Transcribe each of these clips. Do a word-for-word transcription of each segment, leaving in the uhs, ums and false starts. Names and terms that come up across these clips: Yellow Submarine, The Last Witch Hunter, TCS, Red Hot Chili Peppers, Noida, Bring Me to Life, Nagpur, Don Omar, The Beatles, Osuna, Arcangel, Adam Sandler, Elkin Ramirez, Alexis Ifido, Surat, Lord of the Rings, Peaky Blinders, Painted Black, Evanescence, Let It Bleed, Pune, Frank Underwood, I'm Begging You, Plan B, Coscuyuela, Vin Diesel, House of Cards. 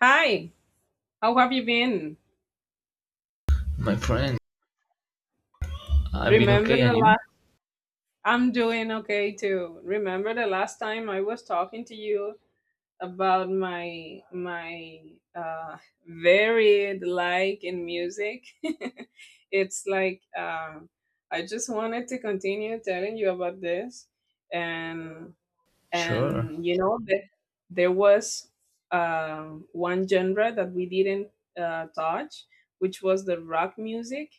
Hi, how have you been? My friend, I've been Remember okay, and the you? last I'm doing okay too. Remember the last time I was talking to you about my my uh varied like in music. it's like um I just wanted to continue telling you about this and Sure. and you know the, there was um, one genre that we didn't uh, touch, which was the rock music.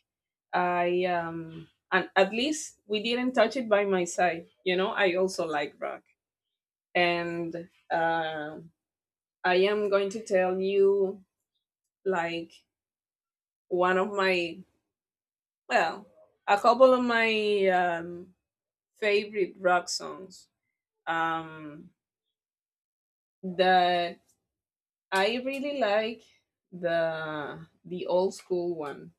I um and at least we didn't touch it by my side, you know, I also like rock. And uh, I am going to tell you, like one of my, well a couple of my um, favorite rock songs, um, that I really like, the the old school one.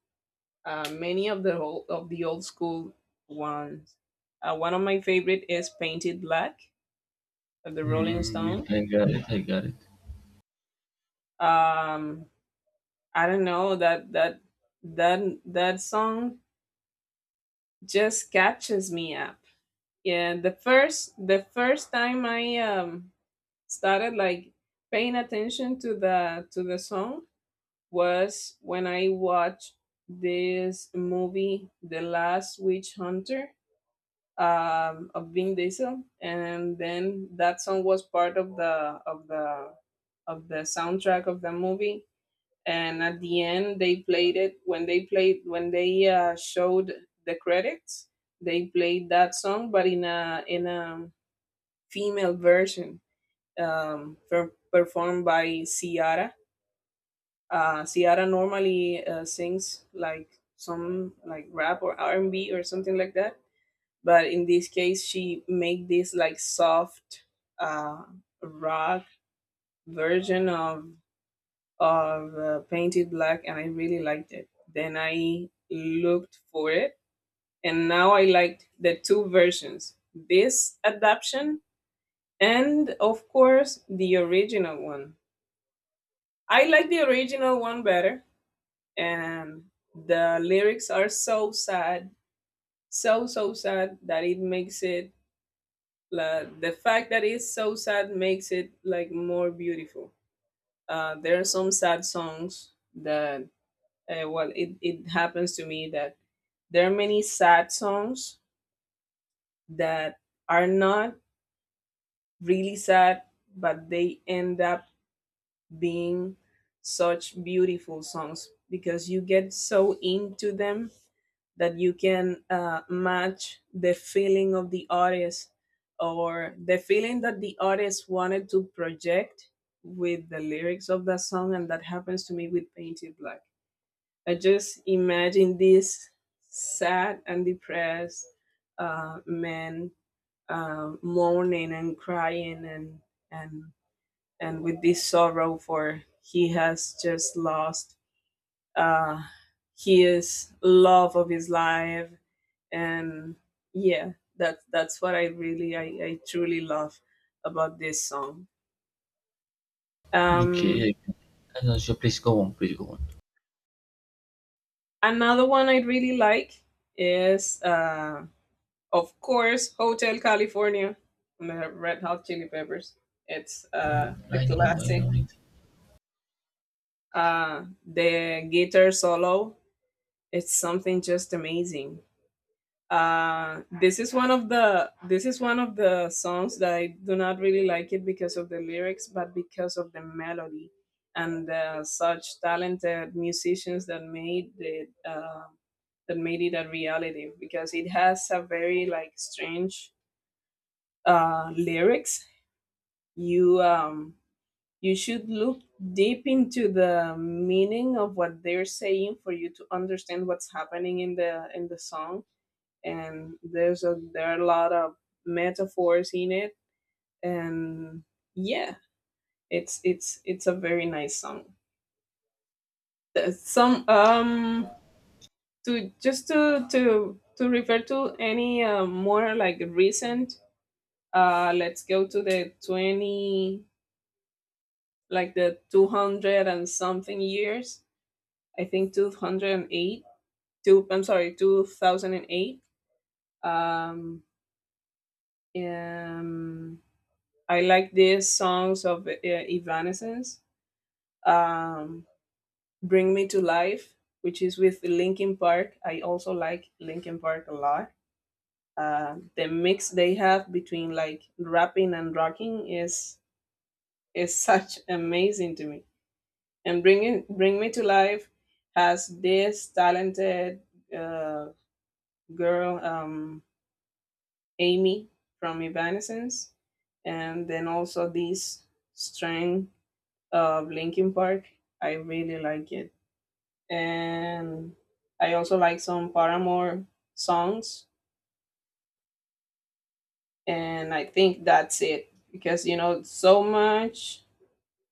Uh, many of the old, of the old school ones. Uh, one of my favorite is Painted Black of the Rolling Stones. Mm, I got it. I got it. Um, I don't know, that that that that song just catches me up. Yeah, the first the first time I um started like paying attention to the to the song was when I watched this movie, The Last Witch Hunter, um, of Vin Diesel, and then that song was part of the of the of the soundtrack of the movie. And at the end, they played it when they played when they uh, showed the credits. They played that song, but in a in a female version, um, per- performed by Ciara. uh, Ciara normally uh, sings like some like rap or R and B or something like that, but in this case, she made this like soft uh, rock version of of uh, Painted Black, and I really liked it. Then I looked for it, and now I liked the two versions: this adaptation and, of course, the original one. I like the original one better, and the lyrics are so sad, so so sad that it makes it, like, the fact that it's so sad makes it like more beautiful. Uh, there are some sad songs that uh, well it, it happens to me that there are many sad songs that are not really sad, but they end up being such beautiful songs because you get so into them that you can uh, match the feeling of the artist, or the feeling that the artist wanted to project with the lyrics of that song. And that happens to me with Painted Black. I just imagine this sad and depressed uh, man, uh, mourning and crying, and and and with this sorrow, for he has just lost uh, his love of his life. And yeah, that's that's what I really i, I truly love about this song. um Okay. I know. So please go on. Please go on. Another one I really like is, uh of course, Hotel California from the Red Hot Chili Peppers. It's uh a I know. I classic. know it. Uh, the guitar solo, it's something just amazing. Uh this is one of the this is one of the songs that I do not really like it because of the lyrics, but because of the melody and uh, such talented musicians that made it uh, that made it a reality, because it has a very like strange uh lyrics. You um you should look deep into the meaning of what they're saying for you to understand what's happening in the in the song. And there's a there are a lot of metaphors in it, and yeah, it's it's it's a very nice song. There's some um to just to to to refer to any uh, more like recent. Uh let's go to the twenty, like the two hundred and something years, I think two hundred eight, two, I'm sorry, two thousand eight. Um um and I like these songs of uh, Evanescence, um, Bring Me to Life, which is with Linkin Park. I also like Linkin Park a lot. Uh, the mix they have between like rapping and rocking is is such amazing to me. And bringing Bring Me to Life has this talented uh, girl, um, Amy from Evanescence, and then also this string of Linkin Park. I really like it. And I also like some Paramore songs. And I think that's it because, you know, so much,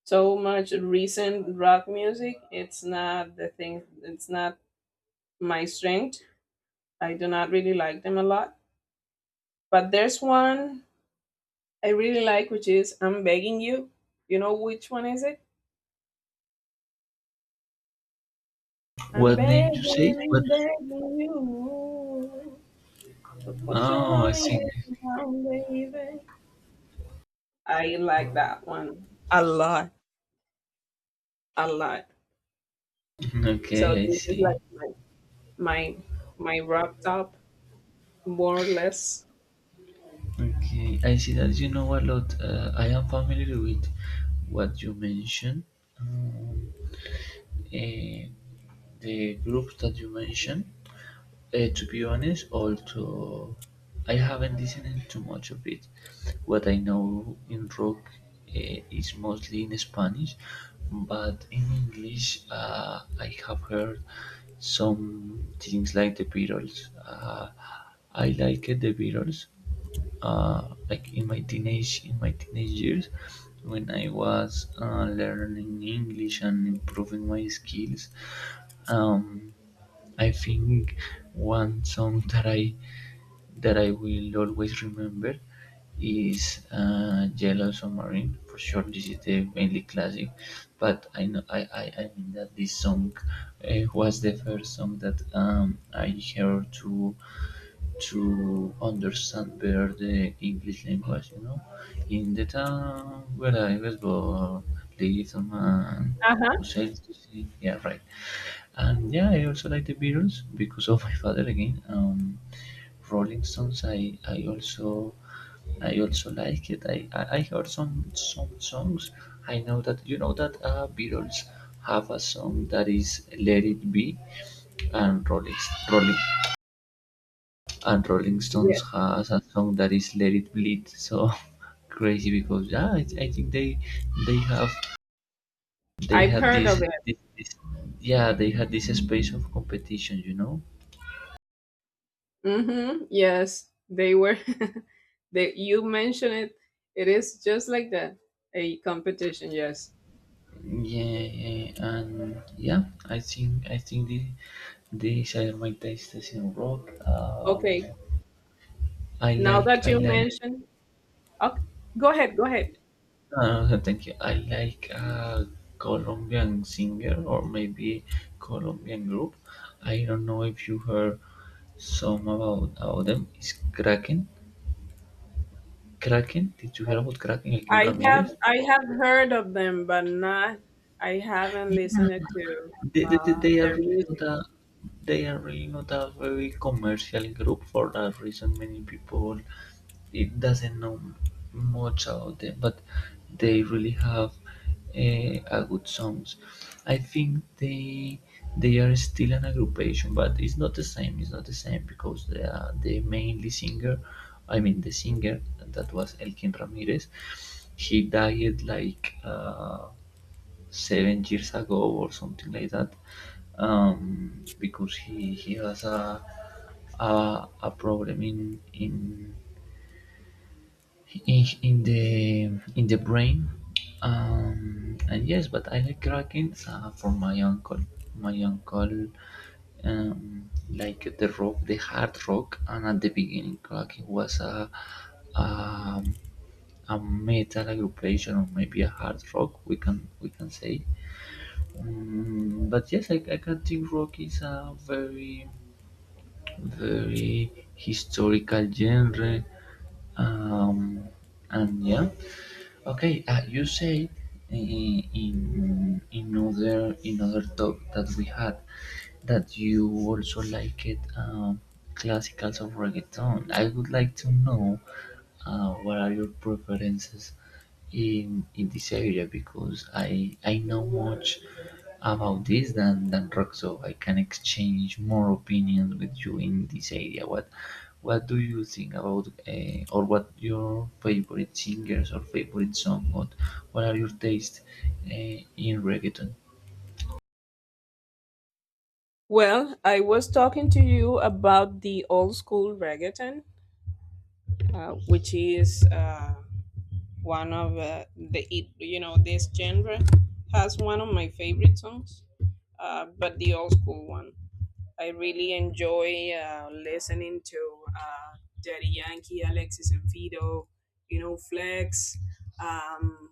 so much recent rock music, it's not the thing, it's not my strength. I do not really like them a lot. But there's one I really like, which is I'm Begging You. You know which one is it? I'm What name you say? What? begging, begging you. Put your Oh, I loving see. are down, baby. I like that one a lot, a lot. So Okay, I this is see. like my my my wrapped top, more or less. Okay, I see that you know a lot. Uh, I am familiar with what you mentioned. Um, eh, the groups that you mentioned. Uh, to be honest, also I haven't listened too much of it. What I know in rock uh, is mostly in Spanish, but in English uh, I have heard some things like the Beatles. Uh, I like it, the Beatles. Uh, like in my teenage in my teenage years, when I was uh, learning English and improving my skills. Um, I think one song that I that I will always remember is uh, Yellow Submarine. For sure, this is the mainly classic, but I know I, I, I mean that this song uh, was the first song that um, I heard to to understand better the English language. You know, in the town where I was born, lives a man Uh huh. who sails to sea. Yeah, right. And yeah, I also like the Beatles because of my father again. Um, Rolling Stones, I, I also I also like it. I, I, I heard some some songs. I know that you know that uh, Beatles have a song that is Let It Be, and Rolling Rolling and Rolling Yes, Stones has a song that is Let It Bleed. So crazy because yeah, I, I think they they have they I've had heard this, of it. this, this yeah they had this space of competition, you know. Mm-hmm. Yes, they were. they you mentioned it. It is just like that, a competition. Yes. Yeah, yeah, and yeah, I think I think the these are my tastes in rock. Um, Okay. I Now like that I you like. mentioned, okay, go ahead. Go ahead. Uh, thank you. I like a Colombian singer or maybe Colombian group. I don't know if you heard some about about them. Is Kraken? Kraken? Did you hear about Kraken? Elkin I have Ramirez? I have heard of them, but not. I haven't Yeah, listened to They, they, they uh, they are their really not music. a they are really not a very commercial group for that reason. Many people it doesn't know much about them, but they really have uh, a good songs. I think they they are still an aggregation, but it's not the same. It's not the same because they are the mainly singer. I mean the singer that was Elkin Ramirez. He died like. Uh, seven years ago or something like that, um, because he, he has a, a a problem in in in, in the in the brain. Um, and yes, but I like Kraken uh, for my uncle. My uncle um, like the rock, the hard rock, and at the beginning, Kraken was a um, a metal aggregation or maybe a hard rock we can we can say. Mm, but yes, I, I can think rock is a very, very historical genre. Um, and yeah, okay. Uh, you say uh, in in other in other talk that we had that you also like it um, classicals of reggaeton. I would like to know uh, what are your preferences in in this area? Because I I know much about this than than rock, so I can exchange more opinions with you in this area. What what do you think about uh, or what your favorite singers or favorite song? What what are your tastes uh, in reggaeton? Well, I was talking to you about the old school reggaeton, uh, which is uh, one of uh, the it- you know, this genre has one of my favorite songs, uh, but the old school one. I really enjoy uh, listening to uh, Daddy Yankee, Alexis and Fido, you know, Flex, um,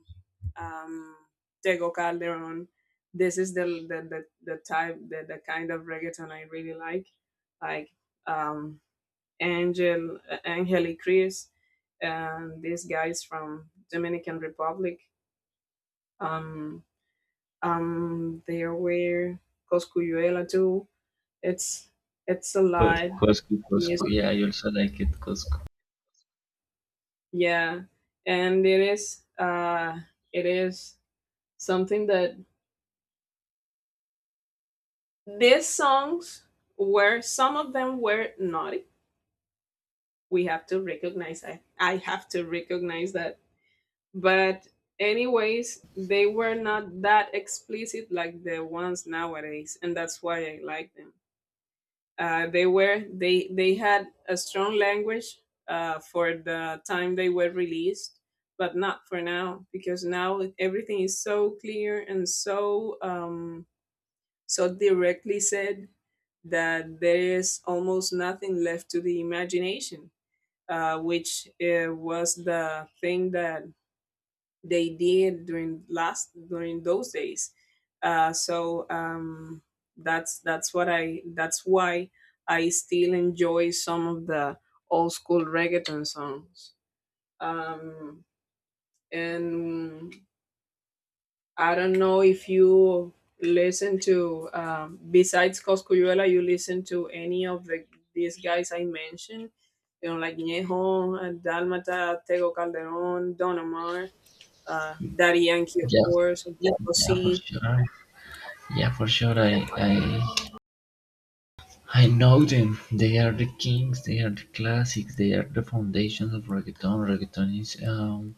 um, Tego Calderon. This is the the, the, the type, the, the kind of reggaeton I really like, like um, Angel, uh, Angeli Chris, and these guys from Dominican Republic. Um, um, there were Coscuyuela too. It's it's a Co- lot Coscu, Coscu. music. Yeah, I also like it, Cosco. Yeah, and it is uh, it is something that these songs were, some of them were, naughty. We have to recognize. I I have to recognize that. But anyways, they were not that explicit like the ones nowadays, and that's why I like them. Uh, they were, they they had a strong language uh, for the time they were released, but not for now, because now everything is so clear and so um, so directly said that there is almost nothing left to the imagination, uh, which uh, was the thing that they did during last during those days. Uh, so um, that's that's what I that's why I still enjoy some of the old school reggaeton songs. Um, and I don't know if you listen to, um, besides Coscuyuela, you listen to any of the these guys I mentioned, you know, like Ñejo, Dalmata, Tego Calderon, Don Omar, uh, Daddy Yankee, of Yeah, course, of yeah. yeah, for C. sure. Yeah, for sure. I I I know them. They are the kings. They are the classics. They are the foundations of reggaeton. Reggaeton is um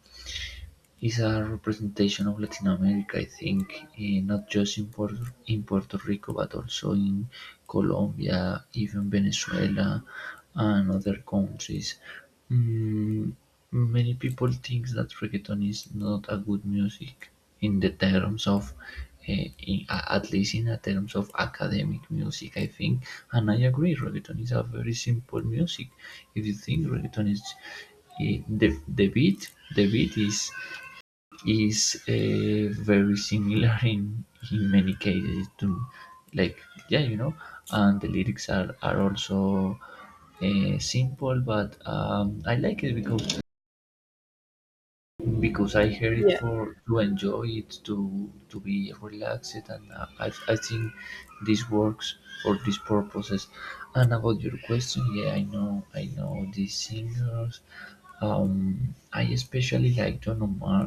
is a representation of Latin America, I think, eh, not just in Puerto, in Puerto Rico, but also in Colombia, even Venezuela, and other countries. Mm, many people think that reggaeton is not a good music in the terms of eh, in, a- at least in the terms of academic music I think, and I agree reggaeton is a very simple music. If you think reggaeton is eh, the, the beat the beat is is uh, very similar in in many cases to like yeah you know, and the lyrics are are also uh, simple, but um, I like it because because I heard it Yeah. for to enjoy it, to to be relaxed, and uh, I I think this works for these purposes. And about your question, yeah, I know I know these singers. Um, I especially like Don Omar.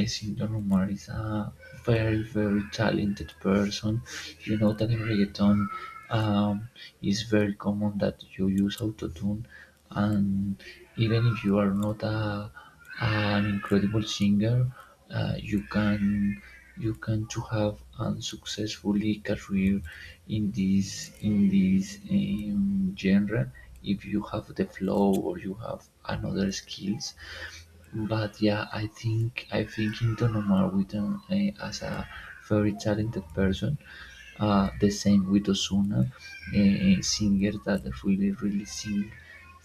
I think Don Omar is a very very talented person. You know that in reggaeton, um, it's very common that you use autotune, and even if you are not a an incredible singer, uh, you can you can to have a successfully career in this in this um, genre if you have the flow or you have another skills. But yeah, I think I think in Donomar with uh, as a very talented person, uh, the same with Osuna, uh, singer that really really sing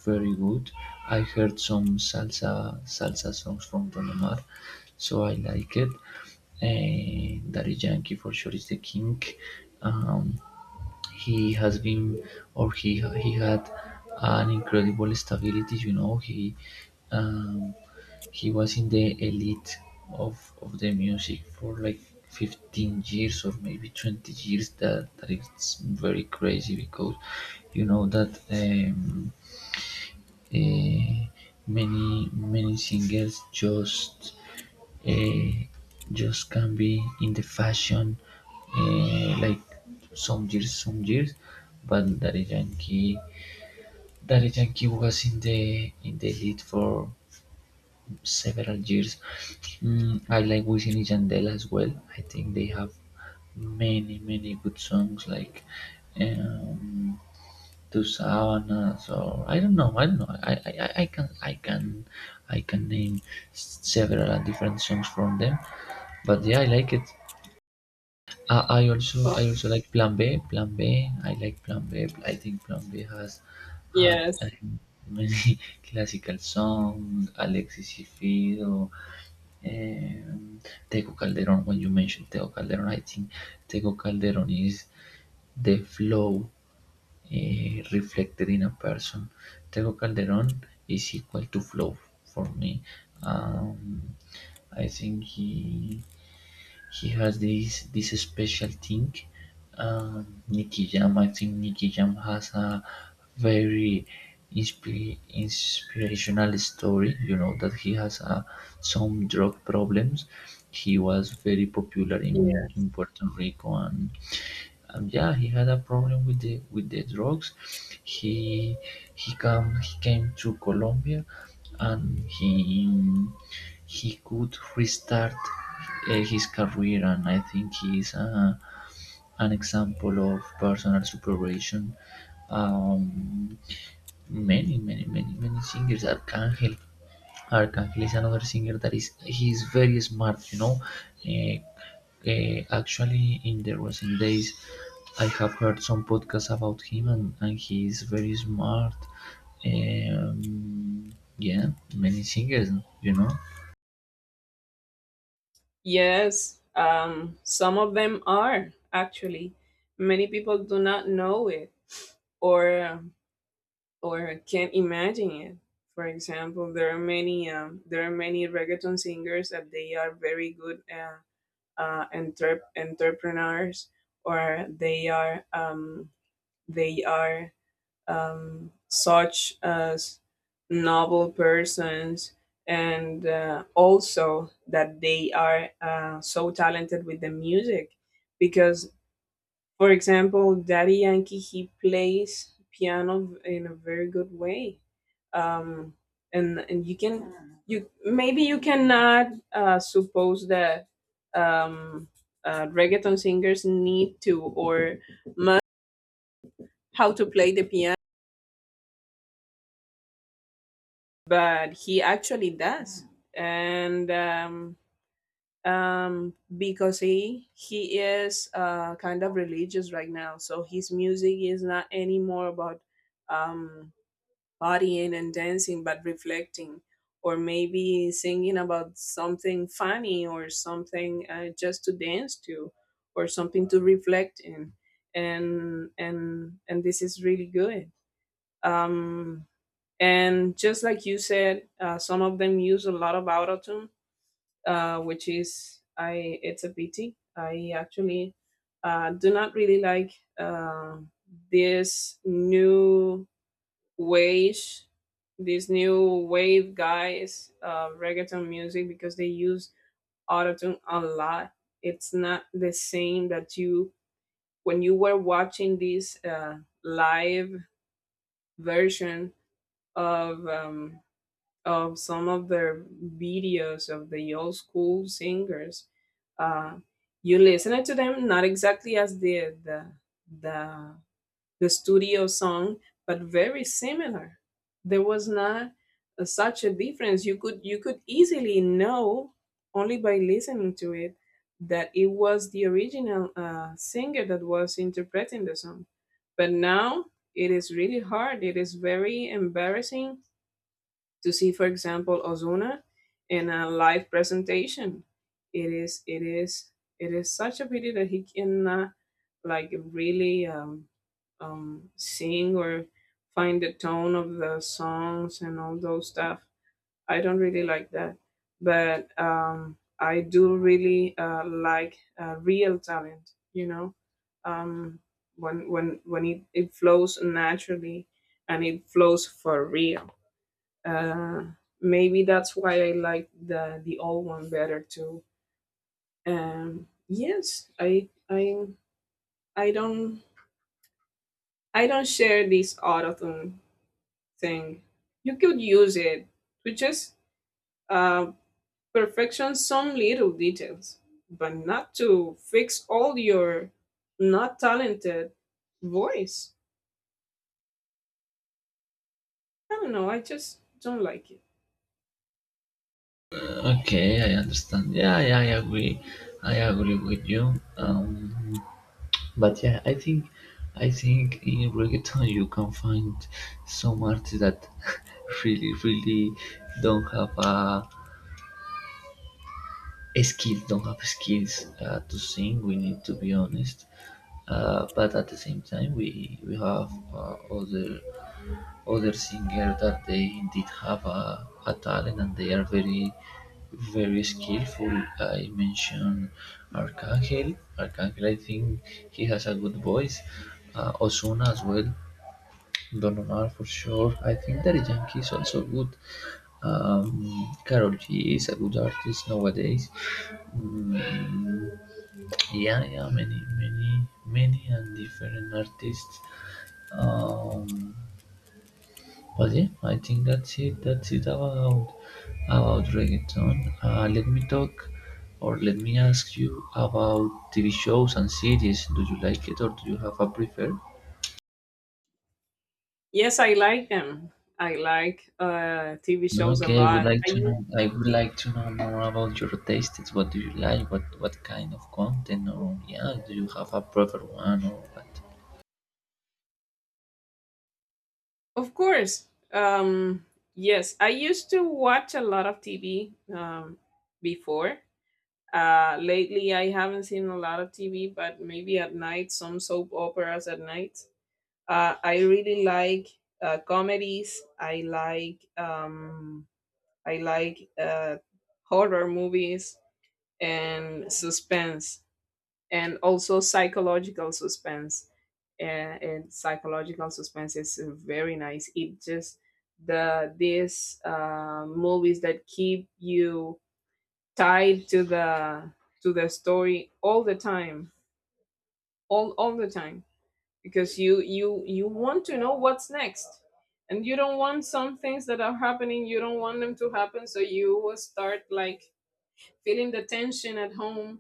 very good. I heard some salsa salsa songs from Don Omar, so I like it. Uh, Daddy Yankee for sure is the king. Um, he has been, or he he had an incredible stability. You know, he um, he was in the elite of of the music for like fifteen years or maybe twenty years. That that is very crazy because you know that um, uh, many many singers just eh, just can be in the fashion eh, like some years some years but Daddy Yankee Daddy Yankee was in the in the lead for several years. Mm, I like Wisin and Yandel as well. I think they have many many good songs like um, to Savannah. So I don't know. I don't know. I, I, I- can I can I can name several different songs from them. But yeah, I like it. I, I also Oh, I also like Plan B. Plan B. I like Plan B. I think Plan B has had yes. um, many classical songs. Alexis Ifido. Um, Tego Calderon. When you mentioned Tego Calderon, I think Tego Calderon is the flow eh, reflected in a person. Tego Calderon is equal to Flow for me. Um, I think he he has this this special thing. Um, Nicky Jam, I think Nicky Jam has a very inspi- inspirational story. You know that he has uh, some drug problems. He was very popular in, Yes. in Puerto Rico and um, yeah he had a problem with the with the drugs. he he come he came to Colombia, and he he could restart uh, his career, and I think he is a, an example of personal supervision. Um, many many many many singers. Arcangel Arkangelil is another singer that is he is very smart, you know. Uh, uh, actually, in the recent days, I have heard some podcasts about him, and, and he is very smart. Um, yeah, many singers, you know. Yes. Um, some of them are, actually. Many people do not know it, or or can't imagine it. For example, there are many um, there are many reggaeton singers that they are very good, uh, uh, entrep- entrepreneurs, or they are, um, they are um, such as noble persons, and uh, also that they are uh, so talented with the music, because, for example, Daddy Yankee, he plays piano in a very good way. um, and and you can, you maybe you cannot uh, suppose that, um, uh, reggaeton singers need to, or must, how to play the piano, but he actually does. And um, um, because he he is uh, kind of religious right now, so his music is not anymore about, um, partying and dancing, but reflecting, or maybe singing about something funny, or something uh, just to dance to, or something to reflect in. And and and this is really good. um and just like you said, uh, some of them use a lot of autotune, uh, which is, I it's a pity. I actually uh, do not really like uh, these new ways, these new wave guys uh, reggaeton music, because they use autotune a lot. It's not the same that you when you were watching this uh, live version of, um, of some of their videos of the old school singers, uh, you listen to them not exactly as the the the, the studio song, but very similar. There was not uh, such a difference. You could you could easily know, only by listening to it, that it was the original uh, singer that was interpreting the song. But now it is really hard. It is very embarrassing to see, for example, Ozuna in a live presentation. It is it is it is such a pity that he cannot, like, really um, um, sing or find the tone of the songs and all those stuff. I don't really like that, but um, I do really uh, like uh, real talent. You know, um, when when when it, it flows naturally and it flows for real. Uh, maybe that's why I like the the old one better too. Um, yes, I I I don't I don't share this autotune thing. You could use it to just uh, perfection some little details, but not to fix all your not talented voice. I don't know. I just don't like it. Okay, I understand. Yeah, yeah, I agree. I agree with you. Um, But yeah, I think I think in reggaeton you can find some artists that really really don't have a, a skill, don't have skills uh, to sing. We need to be honest. Uh, but at the same time, we we have uh, other other singers that they indeed have a, a talent and they are very very skillful. I mentioned Arcangel. Arcangel, I think he has a good voice. Uh, Osuna as well. Don Omar for sure. I think Daddy Yankee is also good. Um, Carol G is a good artist nowadays. Mm, yeah, yeah, many, many, many and different artists. Um, but yeah, I think that's it. That's it about about reggaeton. Uh, let me talk, or let me ask you about T V shows and series. Do you like it, or do you have a prefer? Yes, I like them. I like uh, T V shows a Okay, I would lot. like I to know. I would like to know more about your tastes. What do you like? What what kind of content? Or yeah, do you have a preferred one or what? Of course. Um, yes, I used to watch a lot of T V um, before. Uh, lately, I haven't seen a lot of T V, but maybe at night, some soap operas at night. Uh, I really like uh, comedies. I like um, I like uh, horror movies and suspense and also psychological suspense and, and psychological suspense is very nice. It just the these uh, movies that keep you tied to the to the story all the time, all all the time, because you you you want to know what's next, and you don't want some things that are happening, you don't want them to happen, so you will start like feeling the tension at home.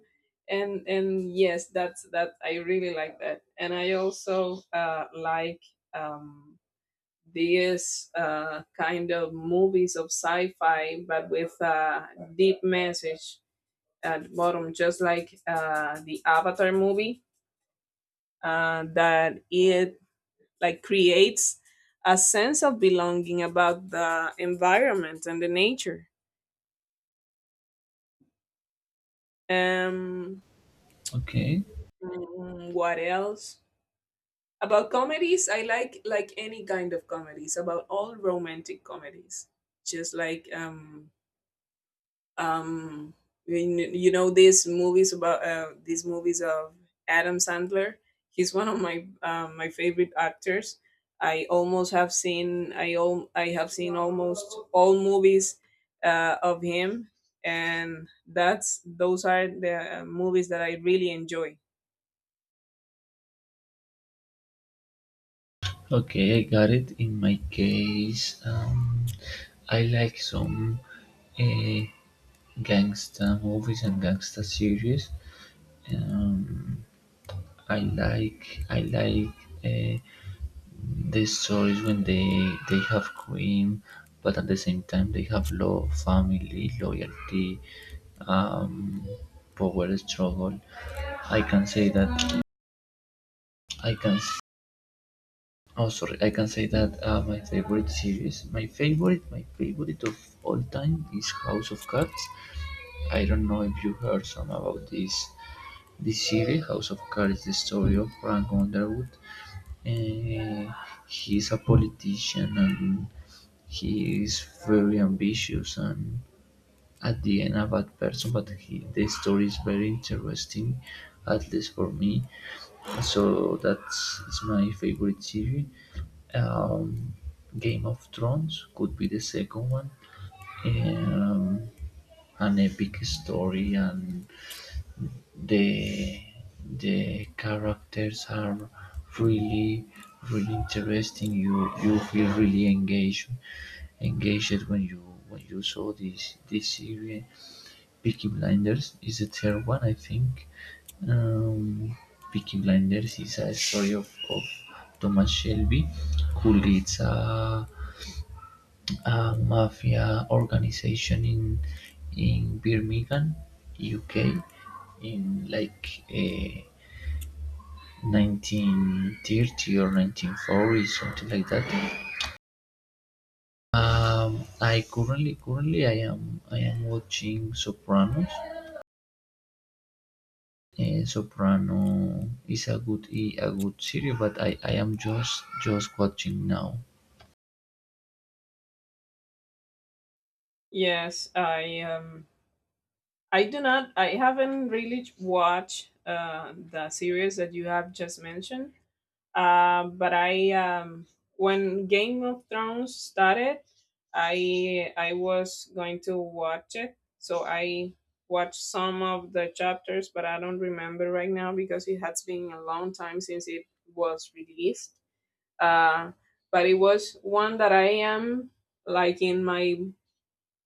And and yes, that's that I really like that. And I also uh, like um, these uh, kind of movies of sci-fi but with a deep message at the bottom, just like uh, the Avatar movie, uh, that it like creates a sense of belonging about the environment and the nature. um, Okay, mm, what else? About comedies, I like like any kind of comedies, about all romantic comedies. Just like um um when you know these movies about uh, these movies of Adam Sandler. He's one of my um, my favorite actors. I almost have seen I all I have seen almost all movies uh, of him, and that's those are the uh, movies that I really enjoy. okay, I got it. In my case, um, I like some uh, gangsta movies and gangsta series. Um, I like I like. Uh, These stories when they they have cream, but at the same time they have love, family, loyalty, um, power struggle. I can say that I can. S- Oh, sorry. I can say that uh, my favorite series, my favorite, my favorite of all time is House of Cards. I don't know if you heard some about this this series. House of Cards is the story of Frank Underwood. Uh, he's a politician, and he is very ambitious, and at the end a bad person, but he, the story is very interesting, at least for me, so that's is my favorite series. um, Game of Thrones could be the second one. um, an epic story, and the the characters are really really interesting. you you feel really engaged engaged when you when you saw this this series. Peaky Blinders is the third one I think. um, Peaky Blinders is a story of, of Thomas Shelby, who leads a a mafia organization in in Birmingham, U K, in like eh, nineteen thirty or nineteen forty, something like that. Um, I currently currently I am I am watching Sopranos. Eh, Soprano is a good eh, a good series, but I, I am just just watching now. Yes, I um I do not. I haven't really watched uh, the series that you have just mentioned. Uh, but I, um, when Game of Thrones started, I I was going to watch it. So I watched some of the chapters, but I don't remember right now because it has been a long time since it was released. Uh, but it was one that I am like in my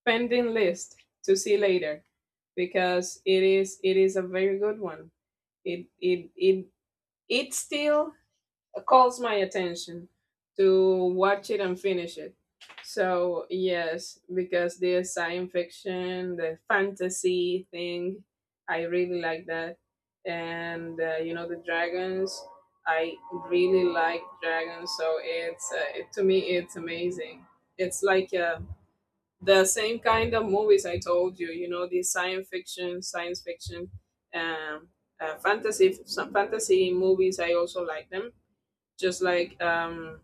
pending list to see later, because it is it is a very good one. It it it it still calls my attention to watch it and finish it. So yes, because the science fiction, the fantasy thing, I really like that. And uh, you know, the dragons. I really like dragons, so it's uh, it, to me it's amazing. It's like a the same kind of movies I told you, you know, these science fiction, science fiction, um, uh, fantasy, some fantasy movies. I also like them. Just like um,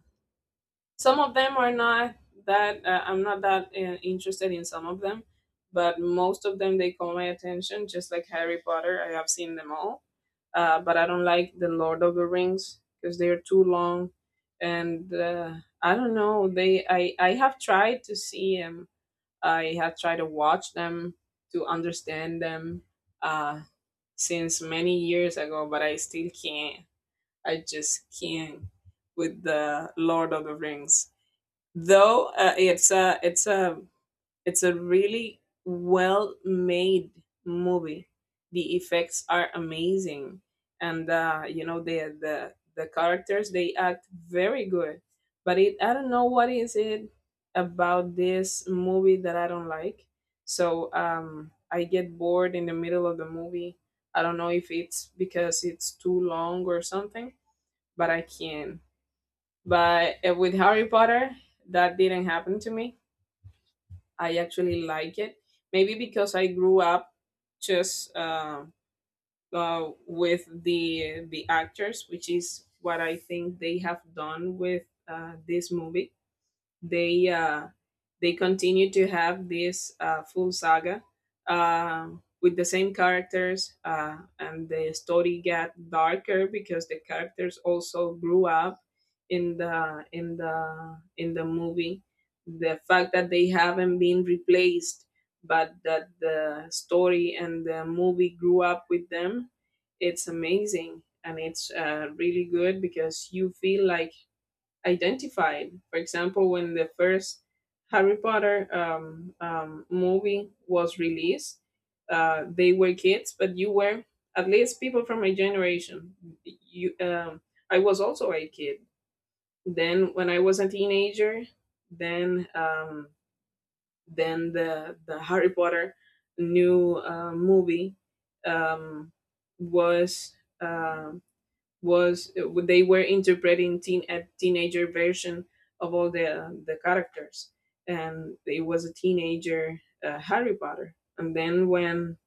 some of them are not that uh, I'm not that uh, interested in some of them, but most of them they call my attention. Just like Harry Potter, I have seen them all. Uh, but I don't like the Lord of the Rings because they are too long, and uh, I don't know. They I I have tried to see 'em, I have tried to watch them, to understand them, uh, since many years ago, but I still can't. I just can't with the Lord of the Rings. Though uh, it's a it's a it's a really well made movie. The effects are amazing, and uh, you know, the the the characters, they act very good. But it, I don't know what is it about this movie that I don't like. So um, I get bored in the middle of the movie. I don't know if it's because it's too long or something, but I can. But uh, with Harry Potter, that didn't happen to me. I actually like it. Maybe because I grew up just uh, uh, with the the actors, which is what I think they have done with uh, this movie. They uh, they continue to have this uh, full saga, uh, with the same characters. Uh, and the story got darker because the characters also grew up in the in the in the movie. The fact that they haven't been replaced, but that the story and the movie grew up with them, it's amazing, and it's uh, really good, because you feel like identified. For example, when the first Harry Potter um, um, movie was released, uh, they were kids, but you were, at least people from my generation. You, um, I was also a kid. Then when I was a teenager, then um, then the the Harry Potter new uh, movie um, was uh, was uh, they were interpreting teen a teenager version of all the the characters, and it was a teenager uh, Harry Potter. And then when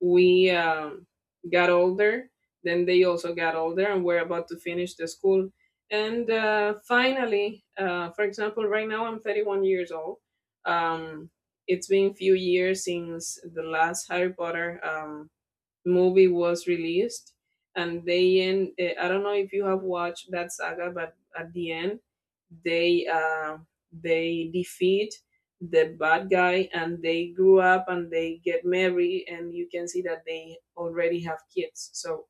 we um, got older, then they also got older and were about to finish the school. And uh, finally, uh, for example, right now I'm thirty-one years old. Um, it's been a few years since the last Harry Potter um, movie was released, and they end, eh, I don't know if you have watched that saga, but at the end, they uh, they defeat the bad guy, and they grew up, and they get married, and you can see that they already have kids. So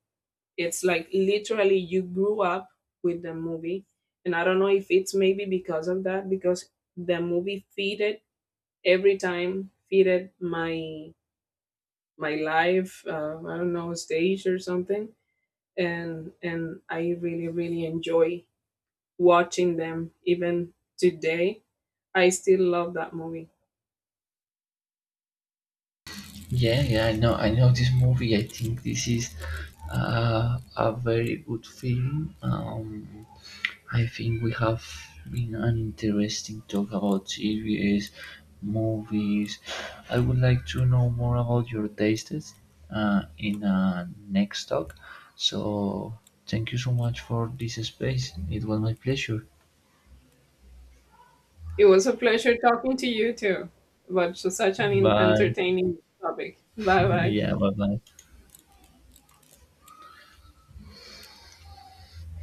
it's like literally you grew up with the movie. And I don't know if it's maybe because of that, because the movie feeded, every time feeded my my live uh, I don't know, stage or something. And and I really really enjoy watching them. Even today I still love that movie. Yeah, yeah, I know, I know this movie. I think this is uh, a very good film. Um, I think we have been an interesting talk about series, movies. I would like to know more about your tastes uh, in uh, next talk. So thank you so much for this space. It was my pleasure. It was a pleasure talking to you too, about such an Bye. entertaining topic. Bye bye. yeah, bye bye.